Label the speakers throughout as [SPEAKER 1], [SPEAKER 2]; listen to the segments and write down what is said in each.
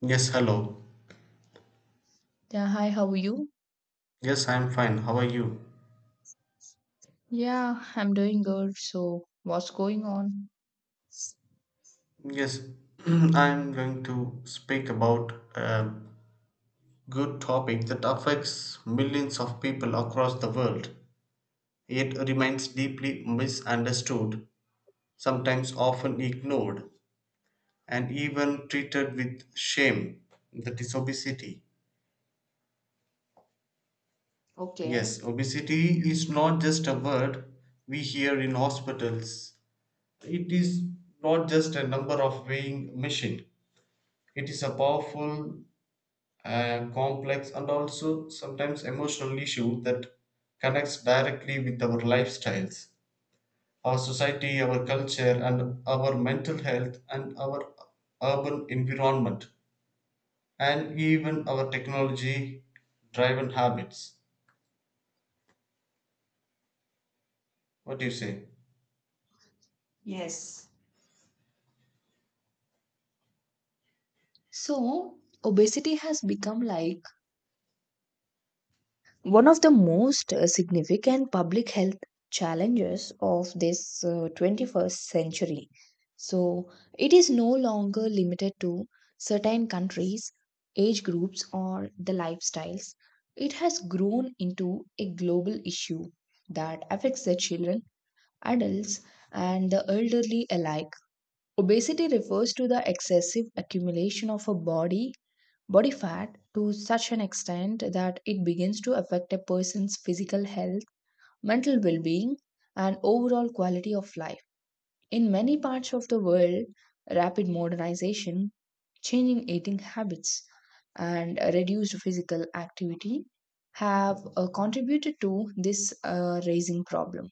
[SPEAKER 1] Yes, hello.
[SPEAKER 2] Yeah, hi, how are you?
[SPEAKER 1] Yes, I'm fine. How are you?
[SPEAKER 2] Yeah, I'm doing good. So, what's going on?
[SPEAKER 1] Yes, I'm going to speak about a good topic that affects millions of people across the world, yet remains deeply misunderstood, sometimes often ignored, and even treated with shame. That is obesity.
[SPEAKER 2] Okay.
[SPEAKER 1] Yes, obesity is not just a word we hear in hospitals. It is not just a number of weighing machine. It is a powerful, complex, and also sometimes emotional issue that connects directly with our lifestyles, our society, our culture, and our mental health, and our urban environment, and even our technology driven habits. What do you say?
[SPEAKER 2] Yes. So, obesity has become like one of the most significant public health challenges of this 21st century. So, it is no longer limited to certain countries, age groups, or the lifestyles. It has grown into a global issue that affects the children, adults, and the elderly alike. Obesity refers to the excessive accumulation of a body fat to such an extent that it begins to affect a person's physical health, mental well-being, and overall quality of life. In many parts of the world, rapid modernization, changing eating habits, and reduced physical activity have contributed to this raising problem.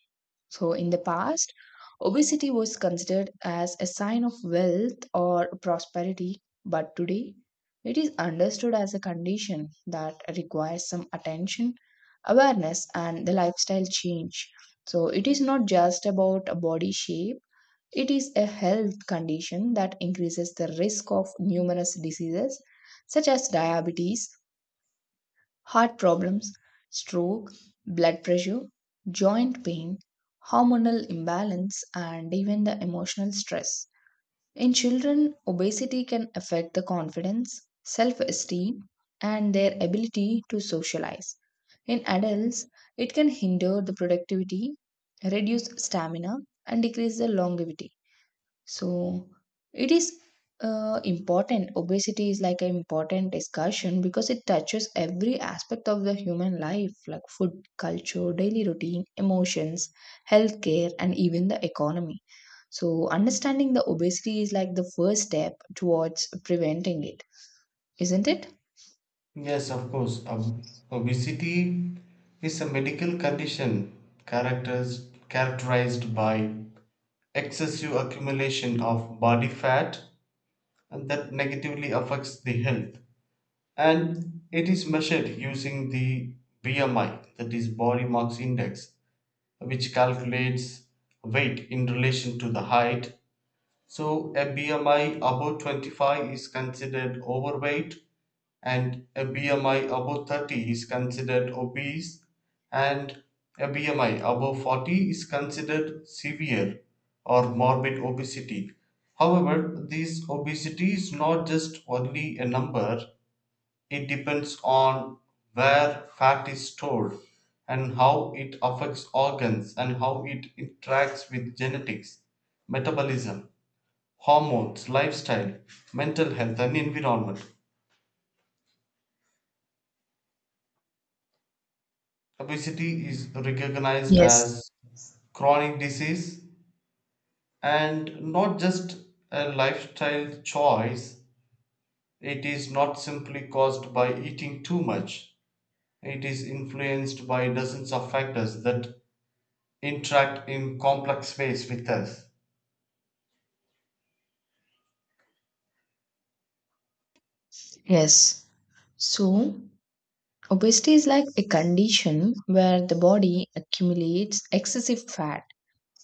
[SPEAKER 2] So, in the past, obesity was considered as a sign of wealth or prosperity, but today it is understood as a condition that requires some attention, awareness, and the lifestyle change. So, it is not just about a body shape, it is a health condition that increases the risk of numerous diseases such as diabetes, heart problems, stroke, blood pressure, joint pain, hormonal imbalance, and even the emotional stress. In children, obesity can affect the confidence, self esteem, and their ability to socialize. In adults, it can hinder the productivity, reduce stamina, and decrease the longevity. So it is important. Obesity is like an important discussion because it touches every aspect of the human life, like food, culture, daily routine, emotions, healthcare, and even the economy. So understanding the obesity is like the first step towards preventing it, isn't it?
[SPEAKER 1] Yes, of course. Obesity is a medical condition characterized by excessive accumulation of body fat and that negatively affects the health. And it is measured using the BMI, that is Body Mass Index, which calculates weight in relation to the height. So a BMI above 25 is considered overweight, and a BMI above 30 is considered obese, and a BMI above 40 is considered severe or morbid obesity. However, this obesity is not just only a number. It depends on where fat is stored and how it affects organs and how it interacts with genetics, metabolism, hormones, lifestyle, mental health, and environment. Obesity is recognized
[SPEAKER 2] Yes,
[SPEAKER 1] as chronic disease and not just a lifestyle choice. It is not simply caused by eating too much. It is influenced by dozens of factors that interact in complex ways with us.
[SPEAKER 2] yes. So, obesity is like a condition where the body accumulates excessive fat.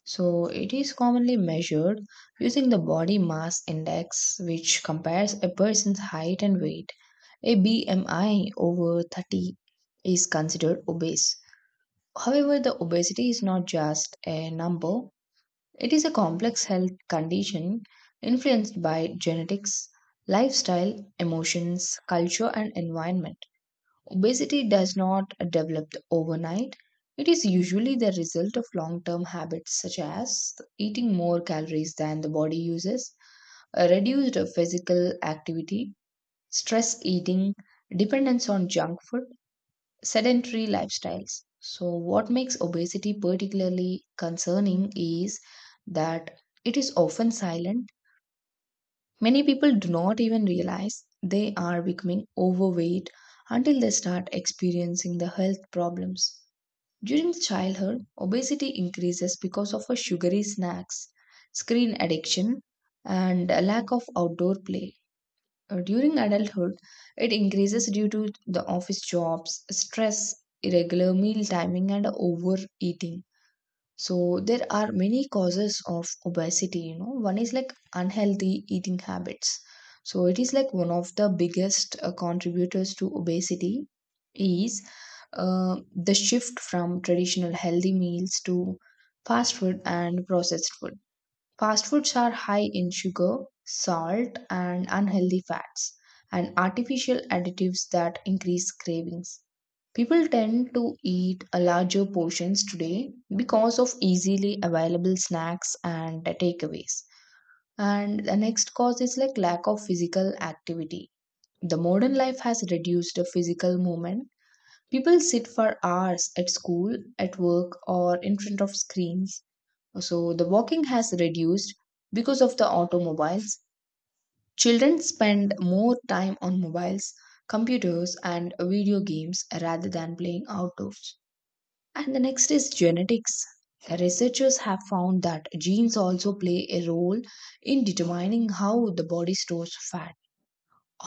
[SPEAKER 2] So it is commonly measured using the body mass index, which compares a person's height and weight. A BMI over 30 is considered obese. However, the obesity is not just a number, it is a complex health condition influenced by genetics, lifestyle, emotions, culture, and environment. Obesity does not develop overnight. It is usually the result of long term habits such as eating more calories than the body uses, a reduced physical activity, stress eating, dependence on junk food, sedentary lifestyles. So, what makes obesity particularly concerning is that it is often silent. Many people do not even realize they are becoming overweight until they start experiencing the health problems. During childhood, obesity increases because of a sugary snacks, screen addiction, and a lack of outdoor play. During adulthood, it increases due to the office jobs, stress, irregular meal timing, and overeating. So there are many causes of obesity, you know. One is like unhealthy eating habits. So it is like one of the biggest contributors to obesity is the shift from traditional healthy meals to fast food and processed food. Fast foods are high in sugar, salt, and unhealthy fats, and artificial additives that increase cravings. People tend to eat a larger portions today because of easily available snacks and takeaways. And the next cause is like lack of physical activity. The modern life has reduced the physical movement. People sit for hours at school, at work, or in front of screens, so the walking has reduced because of the automobiles. Children spend more time on mobiles, computers, and video games rather than playing outdoors. And the next is genetics. The researchers have found that genes also play a role in determining how the body stores fat.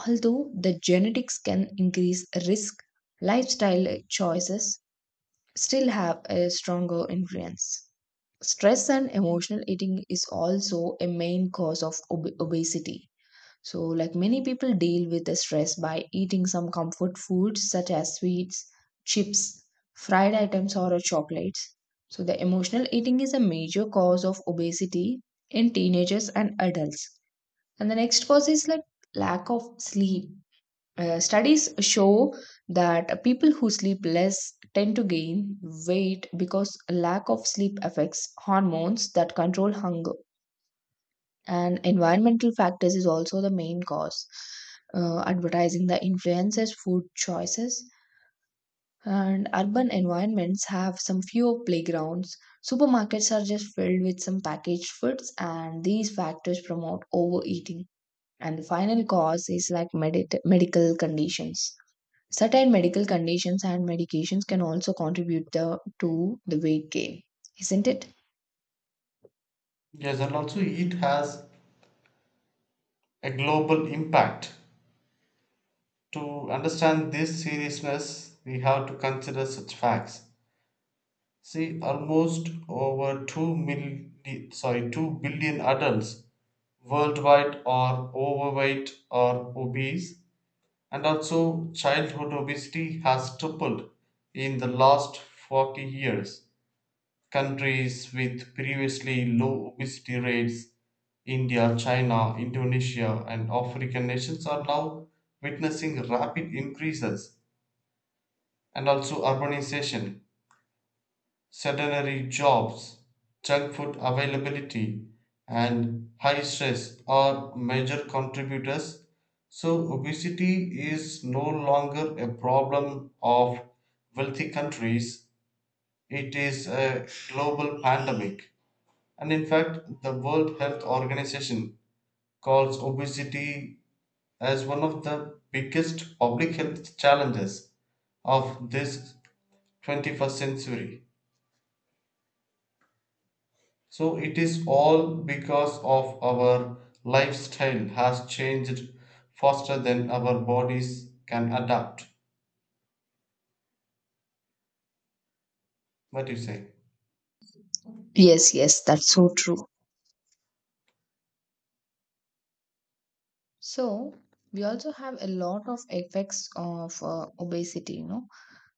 [SPEAKER 2] Although the genetics can increase risk, lifestyle choices still have a stronger influence. Stress and emotional eating is also a main cause of obesity. So, like, many people deal with the stress by eating some comfort foods such as sweets, chips, fried items, or chocolates. So, the emotional eating is a major cause of obesity in teenagers and adults. And the next cause is like lack of sleep. Studies show that people who sleep less tend to gain weight because lack of sleep affects hormones that control hunger. And environmental factors is also the main cause. Advertising that influences food choices, and urban environments have some fewer playgrounds, supermarkets are just filled with some packaged foods, and these factors promote overeating. And the final cause is like medit medical conditions. Certain medical conditions and medications can also contribute the, to the weight gain, isn't it?
[SPEAKER 1] Yes, and also it has a global impact. To understand this seriousness, we have to consider such facts. See, almost over 2 million, sorry, 2 billion adults worldwide are overweight or obese, and also childhood obesity has tripled in the last 40 years. Countries with previously low obesity rates, India, China, Indonesia, and African nations, are now witnessing rapid increases, and also urbanization, sedentary jobs, junk food availability, and high stress are major contributors. So, obesity is no longer a problem of wealthy countries. It is a global pandemic. And in fact, the World Health Organization calls obesity as one of the biggest public health challenges of this 21st century. So it is all because of our lifestyle has changed faster than our bodies can adapt. What do you say?
[SPEAKER 2] Yes, yes, that's so true. So, we also have a lot of effects of obesity, you know.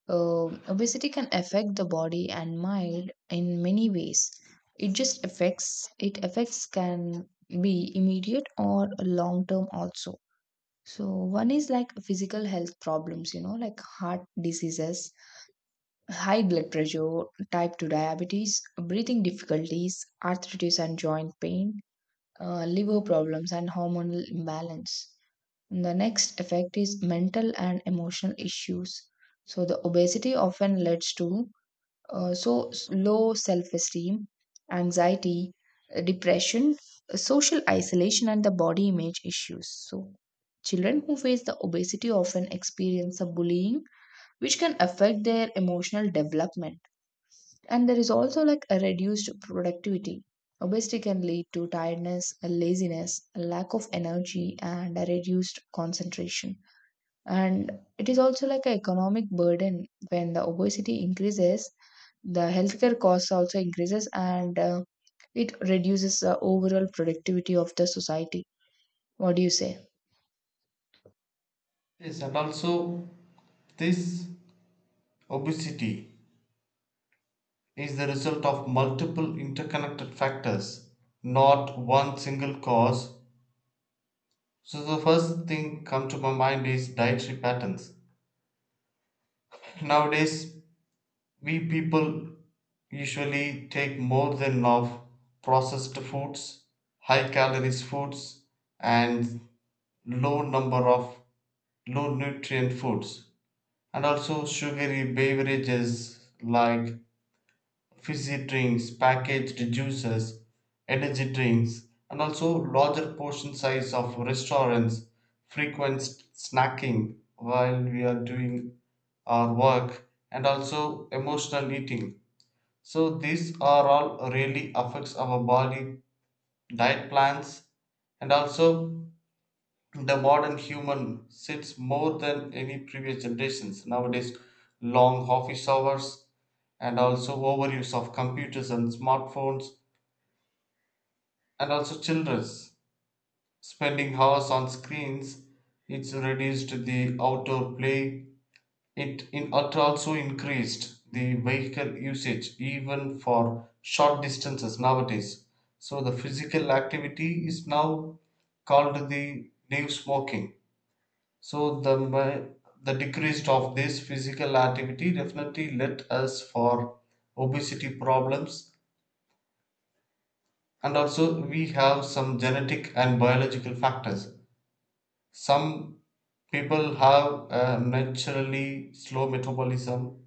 [SPEAKER 2] Obesity can affect the body and mind in many ways. It just affects, it affects can be immediate or long term also. So, one is like physical health problems, you know, like heart diseases, high blood pressure, type 2 diabetes, breathing difficulties, arthritis and joint pain, liver problems, and hormonal imbalance. The next effect is mental and emotional issues. So, the obesity often leads to low self esteem, anxiety, depression, social isolation, and the body image issues. So, children who face the obesity often experience the bullying, which can affect their emotional development. And there is also like a reduced productivity. Obesity can lead to tiredness, a laziness, a lack of energy, and a reduced concentration. And it is also like an economic burden. When the obesity increases, the healthcare costs also increases, and it reduces the overall productivity of the society. What do you say?
[SPEAKER 1] Yes, and also this obesity is the result of multiple interconnected factors, not one single cause. So the first thing come to my mind is dietary patterns. Nowadays, we people usually take more than of processed foods, high calories foods, and low number of low nutrient foods, and also sugary beverages like fizzy drinks, packaged juices, energy drinks, and also larger portion size of restaurants, frequent snacking while we are doing our work, and also emotional eating. So these are all really affects our body, diet plans, and also the modern human sits more than any previous generations nowadays. Long office hours and also overuse of computers and smartphones, and also children's spending hours on screens. It's reduced the outdoor play. It also increased the vehicle usage even for short distances nowadays. So the physical activity is now called the new smoking. So the decrease of this physical activity definitely led us for obesity problems, and also we have some genetic and biological factors. Some people have a naturally slow metabolism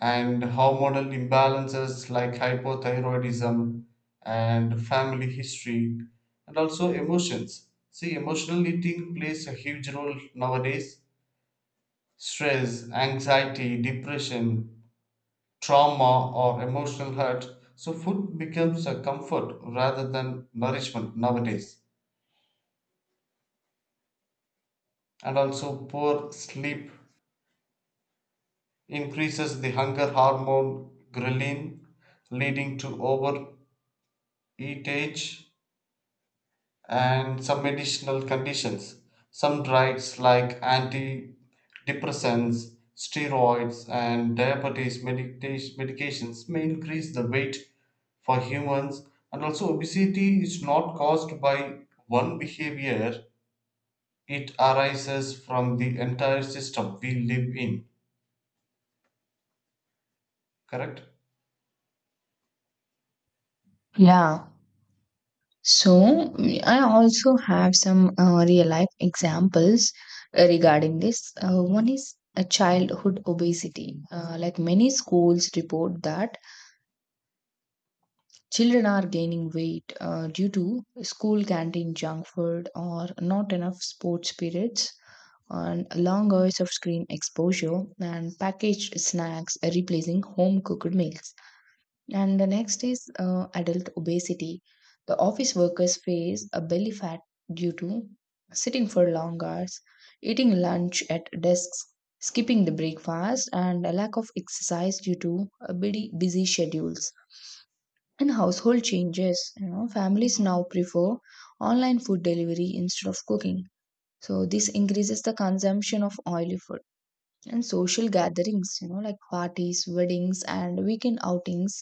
[SPEAKER 1] and hormonal imbalances like hypothyroidism and family history. And also emotions, see, emotional eating plays a huge role nowadays. Stress, anxiety, depression, trauma, or emotional hurt. So food becomes a comfort rather than nourishment nowadays. And also poor sleep increases the hunger hormone ghrelin, leading to overeatage and some medicinal conditions. Some drugs like antidepressants, steroids, and diabetes medications may increase the weight for humans. And also, obesity is not caused by one behavior. It arises from the entire system we live in. Correct?
[SPEAKER 2] Yeah, so I also have some real life examples regarding this. One is a childhood obesity, like many schools report that children are gaining weight due to school canteen junk food or not enough sports periods, and long hours of screen exposure and packaged snacks are replacing home cooked meals. And the next is adult obesity. The office workers face a belly fat due to sitting for long hours, eating lunch at desks, skipping the breakfast, and a lack of exercise due to busy schedules. And household changes, you know, families now prefer online food delivery instead of cooking, so this increases the consumption of oily food. And social gatherings, you know, like parties, weddings, and weekend outings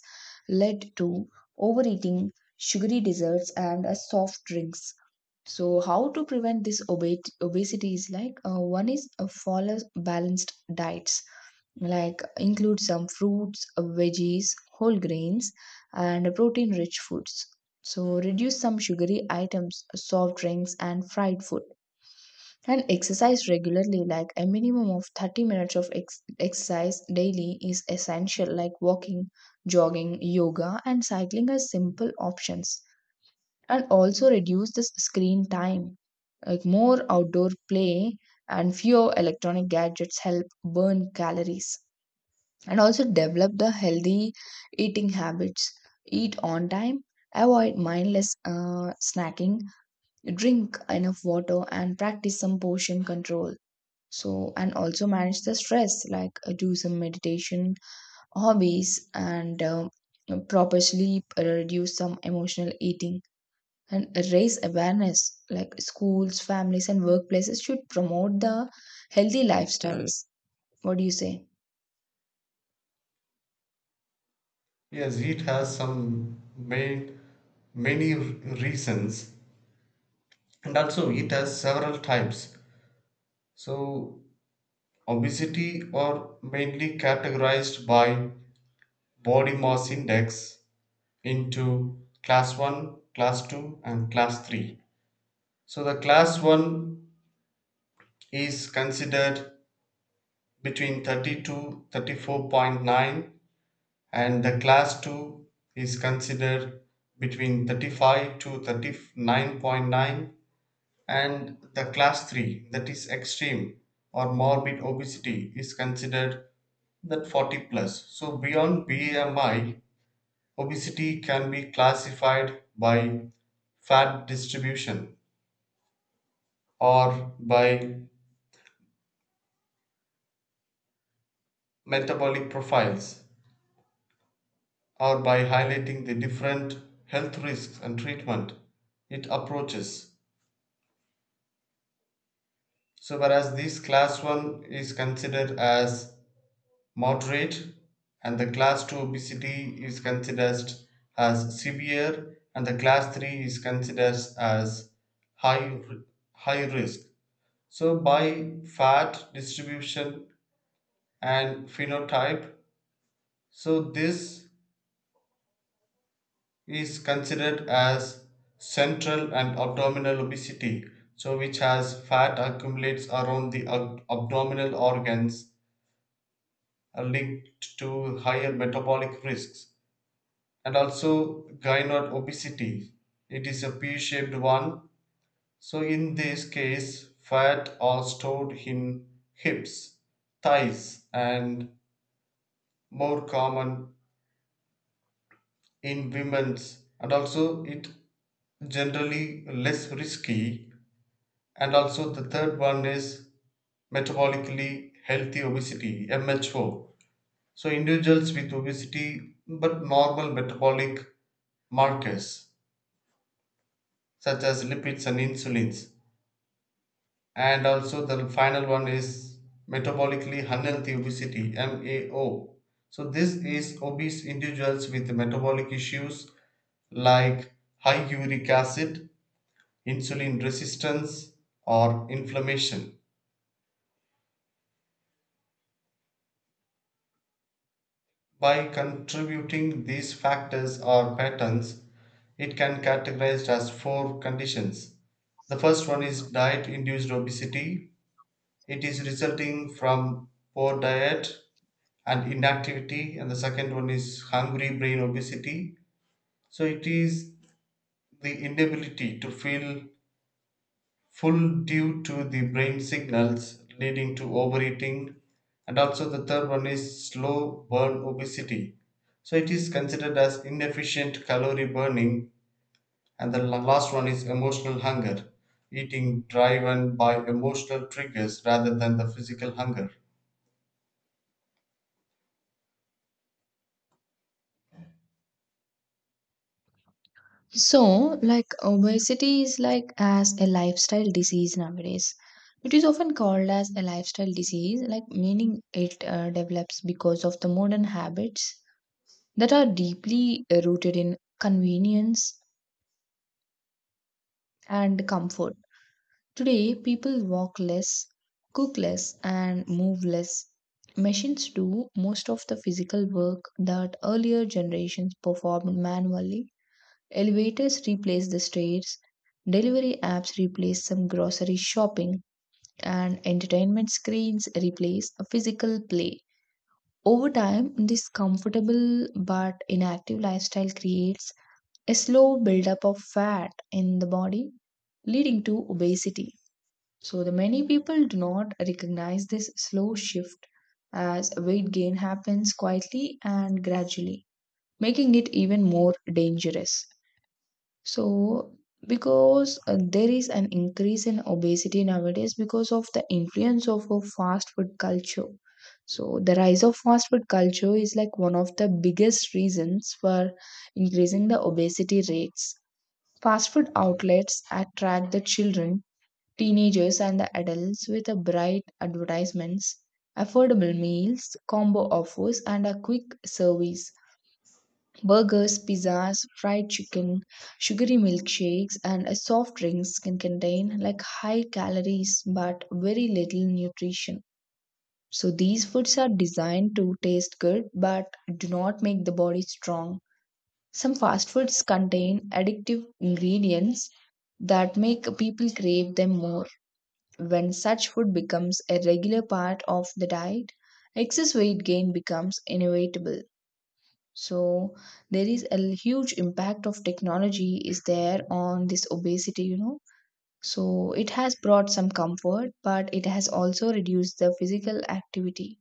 [SPEAKER 2] led to overeating, sugary desserts, and soft drinks. So, how to prevent this obesity is like, one is a follow balanced diets, like include some fruits, veggies, whole grains, and protein rich foods. So, reduce some sugary items, soft drinks, and fried food. And exercise regularly, like a minimum of 30 minutes of exercise daily is essential, like walking, jogging, yoga, and cycling are simple options. And also reduce the screen time, like more outdoor play and fewer electronic gadgets help burn calories. And also develop the healthy eating habits, eat on time, avoid mindless snacking, drink enough water, and practice some portion control. So, and also manage the stress, like do some meditation, hobbies, and proper sleep reduce some emotional eating. And raise awareness, like schools, families, and workplaces should promote the healthy lifestyles. What do you say?
[SPEAKER 1] Yes, it has some main, many reasons, and also it has several types. So, obesity are mainly categorized by body mass index into class 1, class 2, and class 3. So the class 1 is considered between 30 to 34.9, and the class 2 is considered between 35 to 39.9, and the class 3, that is extreme or morbid obesity, is considered that 40 plus. So beyond BMI, obesity can be classified by fat distribution or by metabolic profiles or by highlighting the different health risks and treatment it approaches. So whereas this class 1 is considered as moderate, and the class 2 obesity is considered as severe, and the class 3 is considered as high high risk. So by fat distribution and phenotype, so this is considered as central and abdominal obesity, so which has fat accumulates around the abdominal organs are linked to higher metabolic risks, and also gynoid obesity. It is a pea shaped one. So, in this case, fat are stored in hips, thighs, and more common in women's, and also it generally less risky. And also, the third one is metabolically healthy obesity, MHO. So, individuals with obesity but normal metabolic markers such as lipids and insulins. And also the final one is metabolically unhealthy obesity, MAO. So this is obese individuals with metabolic issues like high uric acid, insulin resistance, or inflammation. By contributing these factors or patterns, it can categorized as four conditions. The first one is diet induced obesity. It is resulting from poor diet and inactivity. And the second one is hungry brain obesity, so it is the inability to feel full due to the brain signals leading to overeating. And also the third one is slow burn obesity, so it is considered as inefficient calorie burning. And the last one is emotional hunger, eating driven by emotional triggers rather than the physical hunger.
[SPEAKER 2] So, like, obesity is like as a lifestyle disease nowadays. It is often called as a lifestyle disease, like meaning it develops because of the modern habits that are deeply rooted in convenience and comfort. Today, people walk less, cook less, and move less. Machines do most of the physical work that earlier generations performed manually. Elevators replace the stairs, delivery apps replace some grocery shopping, and entertainment screens replace a physical play. Over time, this comfortable but inactive lifestyle creates a slow buildup of fat in the body, leading to obesity. So, the many people do not recognize this slow shift, as weight gain happens quietly and gradually, making it even more dangerous. So, because there is an increase in obesity nowadays because of the influence of a fast food culture. So, the rise of fast food culture is like one of the biggest reasons for increasing the obesity rates. Fast food outlets attract the children, teenagers, and the adults with a bright advertisements, affordable meals, combo offers, and a quick service. Burgers, pizzas, fried chicken, sugary milkshakes, and a soft drinks can contain like high calories but very little nutrition. So these foods are designed to taste good but do not make the body strong. Some fast foods contain addictive ingredients that make people crave them more. When such food becomes a regular part of the diet, excess weight gain becomes inevitable. So there is a huge impact of technology is there on this obesity, you know. So it has brought some comfort, but it has also reduced the physical activity.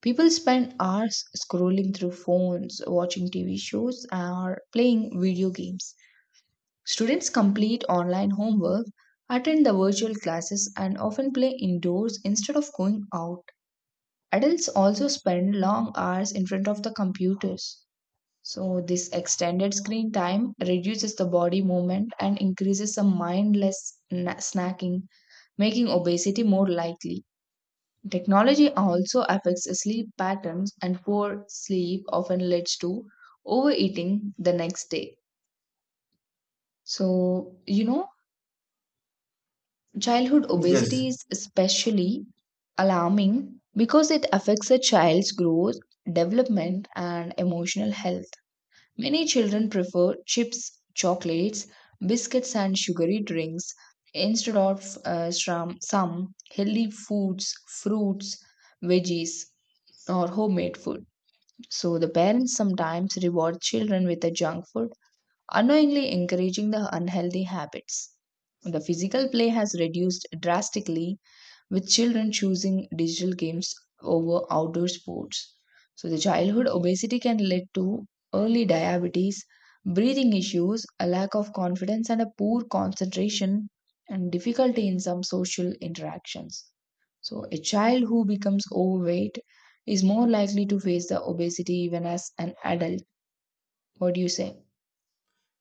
[SPEAKER 2] People spend hours scrolling through phones, watching TV shows, or playing video games. Students complete online homework, attend the virtual classes, and often play indoors instead of going out. Adults also spend long hours in front of the computers. So, this extended screen time reduces the body movement and increases the mindless snacking, making obesity more likely. Technology also affects sleep patterns, and poor sleep often leads to overeating the next day. So, you know, childhood
[SPEAKER 1] Yes.
[SPEAKER 2] obesity is especially alarming because it affects a child's growth, development, and emotional health. Many children prefer chips, chocolates, biscuits, and sugary drinks instead of some healthy foods, fruits, veggies, or homemade food. So the parents sometimes reward children with a junk food, unknowingly encouraging the unhealthy habits. The physical play has reduced drastically with children choosing digital games over outdoor sports. So, the childhood obesity can lead to early diabetes, breathing issues, a lack of confidence, and a poor concentration and difficulty in some social interactions. So, a child who becomes overweight is more likely to face the obesity even as an adult. What do you say?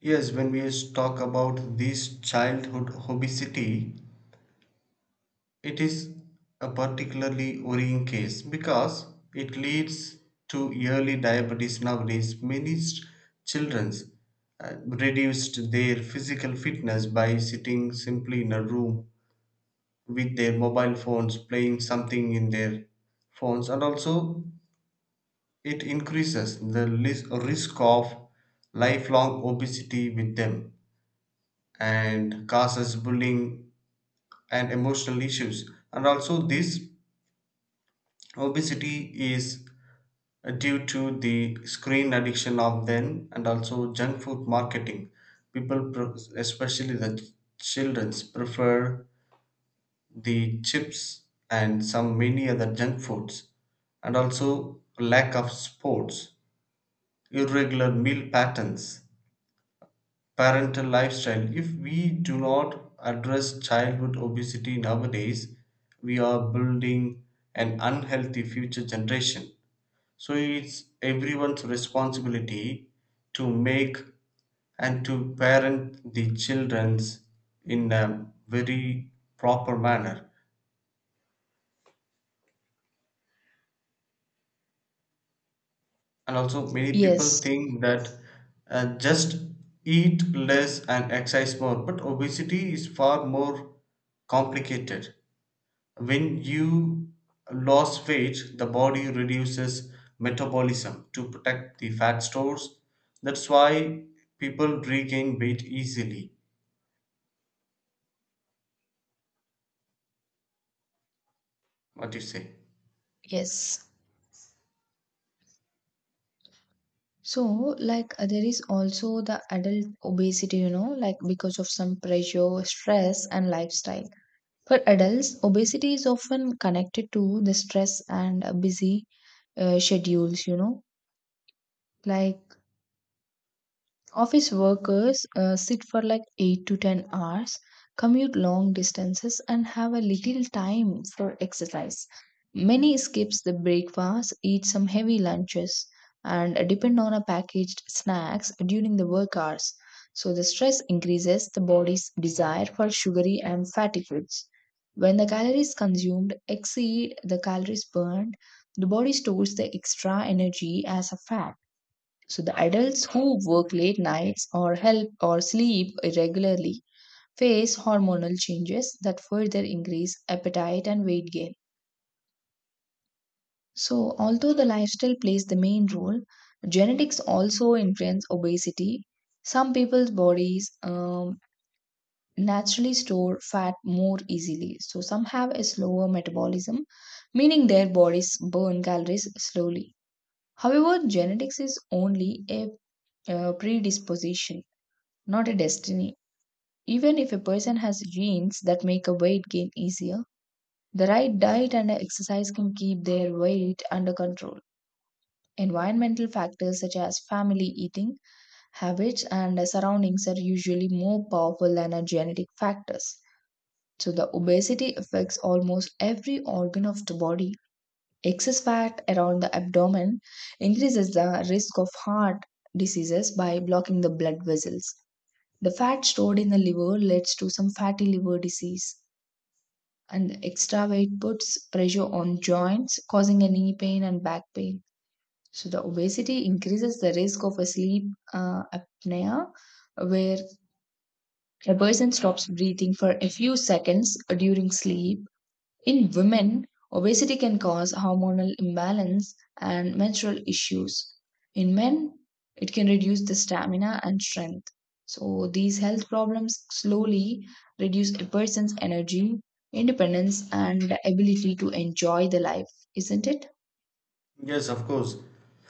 [SPEAKER 1] Yes, when we talk about this childhood obesity, it is a particularly worrying case because it leads to early diabetes nowadays. Many children reduced their physical fitness by sitting simply in a room with their mobile phones, playing something in their phones, and also it increases the risk of lifelong obesity with them and causes bullying and emotional issues. And also this obesity is due to the screen addiction of them, and also junk food marketing. People especially the childrens prefer the chips and some many other junk foods, and also lack of sports, irregular meal patterns, parental lifestyle. If we do not address childhood obesity nowadays, we are building an unhealthy future generation. So it's everyone's responsibility to make and to parent the children's in a very proper manner. And also, many people
[SPEAKER 2] Yes,
[SPEAKER 1] think that just eat less and exercise more, but obesity is far more complicated. When you lose weight, the body reduces metabolism to protect the fat stores. That's why people regain weight easily. What do you say?
[SPEAKER 2] yes. So, like, there is also the adult obesity, you know, like because of some pressure, stress, and lifestyle. For adults, obesity is often connected to the stress and busy schedules, you know, like office workers sit for like 8 to 10 hours, commute long distances, and have a little time for exercise. Many skips the breakfast, eat some heavy lunches, and depend on a packaged snacks during the work hours. So the stress increases the body's desire for sugary and fatty foods. When the calories consumed exceed the calories burned, the body stores the extra energy as a fat. So the adults who work late nights or help or sleep irregularly face hormonal changes that further increase appetite and weight gain. So although the lifestyle plays the main role, genetics also influence obesity. Some people's bodies naturally store fat more easily. So some have a slower metabolism, meaning their bodies burn calories slowly. However, genetics is only a predisposition, not a destiny. Even if a person has genes that make a weight gain easier, the right diet and exercise can keep their weight under control. Environmental factors such as family eating habits and surroundings are usually more powerful than our genetic factors. So, the obesity affects almost every organ of the body. Excess fat around the abdomen increases the risk of heart diseases by blocking the blood vessels. The fat stored in the liver leads to some fatty liver disease, and the extra weight puts pressure on joints, causing a knee pain and back pain. So the obesity increases the risk of a sleep apnea, where a person stops breathing for a few seconds during sleep. In women, obesity can cause hormonal imbalance and menstrual issues. In men, it can reduce the stamina and strength. So, these health problems slowly reduce a person's energy, independence, and ability to enjoy the life, isn't it?
[SPEAKER 1] Yes, of course.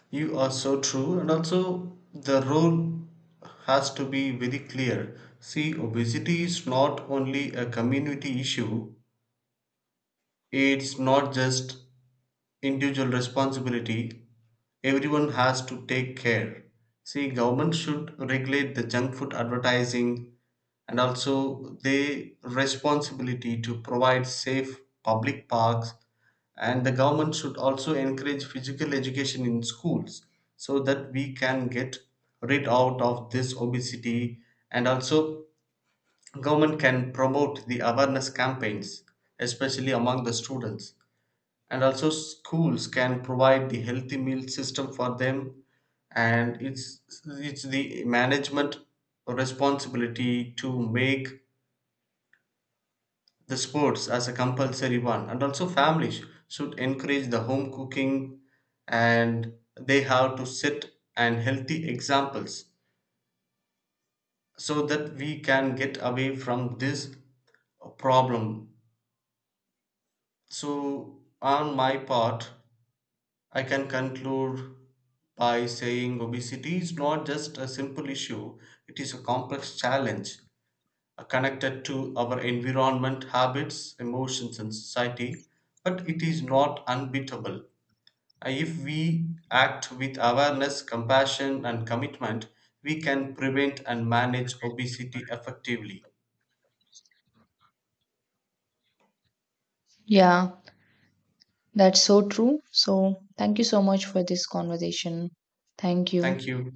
[SPEAKER 1] You are so true. And also, the role has to be very clear. See, obesity is not only a community issue, it's not just individual responsibility. Everyone has to take care. See, government should regulate the junk food advertising, and also their responsibility to provide safe public parks. And the government should also encourage physical education in schools so that we can get rid out of this obesity. And also government can promote the awareness campaigns, especially among the students. And also schools can provide the healthy meal system for them. And it's the management responsibility to make the sports as a compulsory one. And also families should encourage the home cooking, and they have to set and healthy examples so that we can get away from this problem. So on my part, I can conclude by saying obesity is not just a simple issue, it is a complex challenge connected to our environment, habits, emotions, and society. But it is not unbeatable. If we act with awareness, compassion, and commitment, we can prevent and manage obesity effectively.
[SPEAKER 2] Yeah, that's so true. So, thank you so much for this conversation. Thank
[SPEAKER 1] Thank
[SPEAKER 2] you.
[SPEAKER 1] you.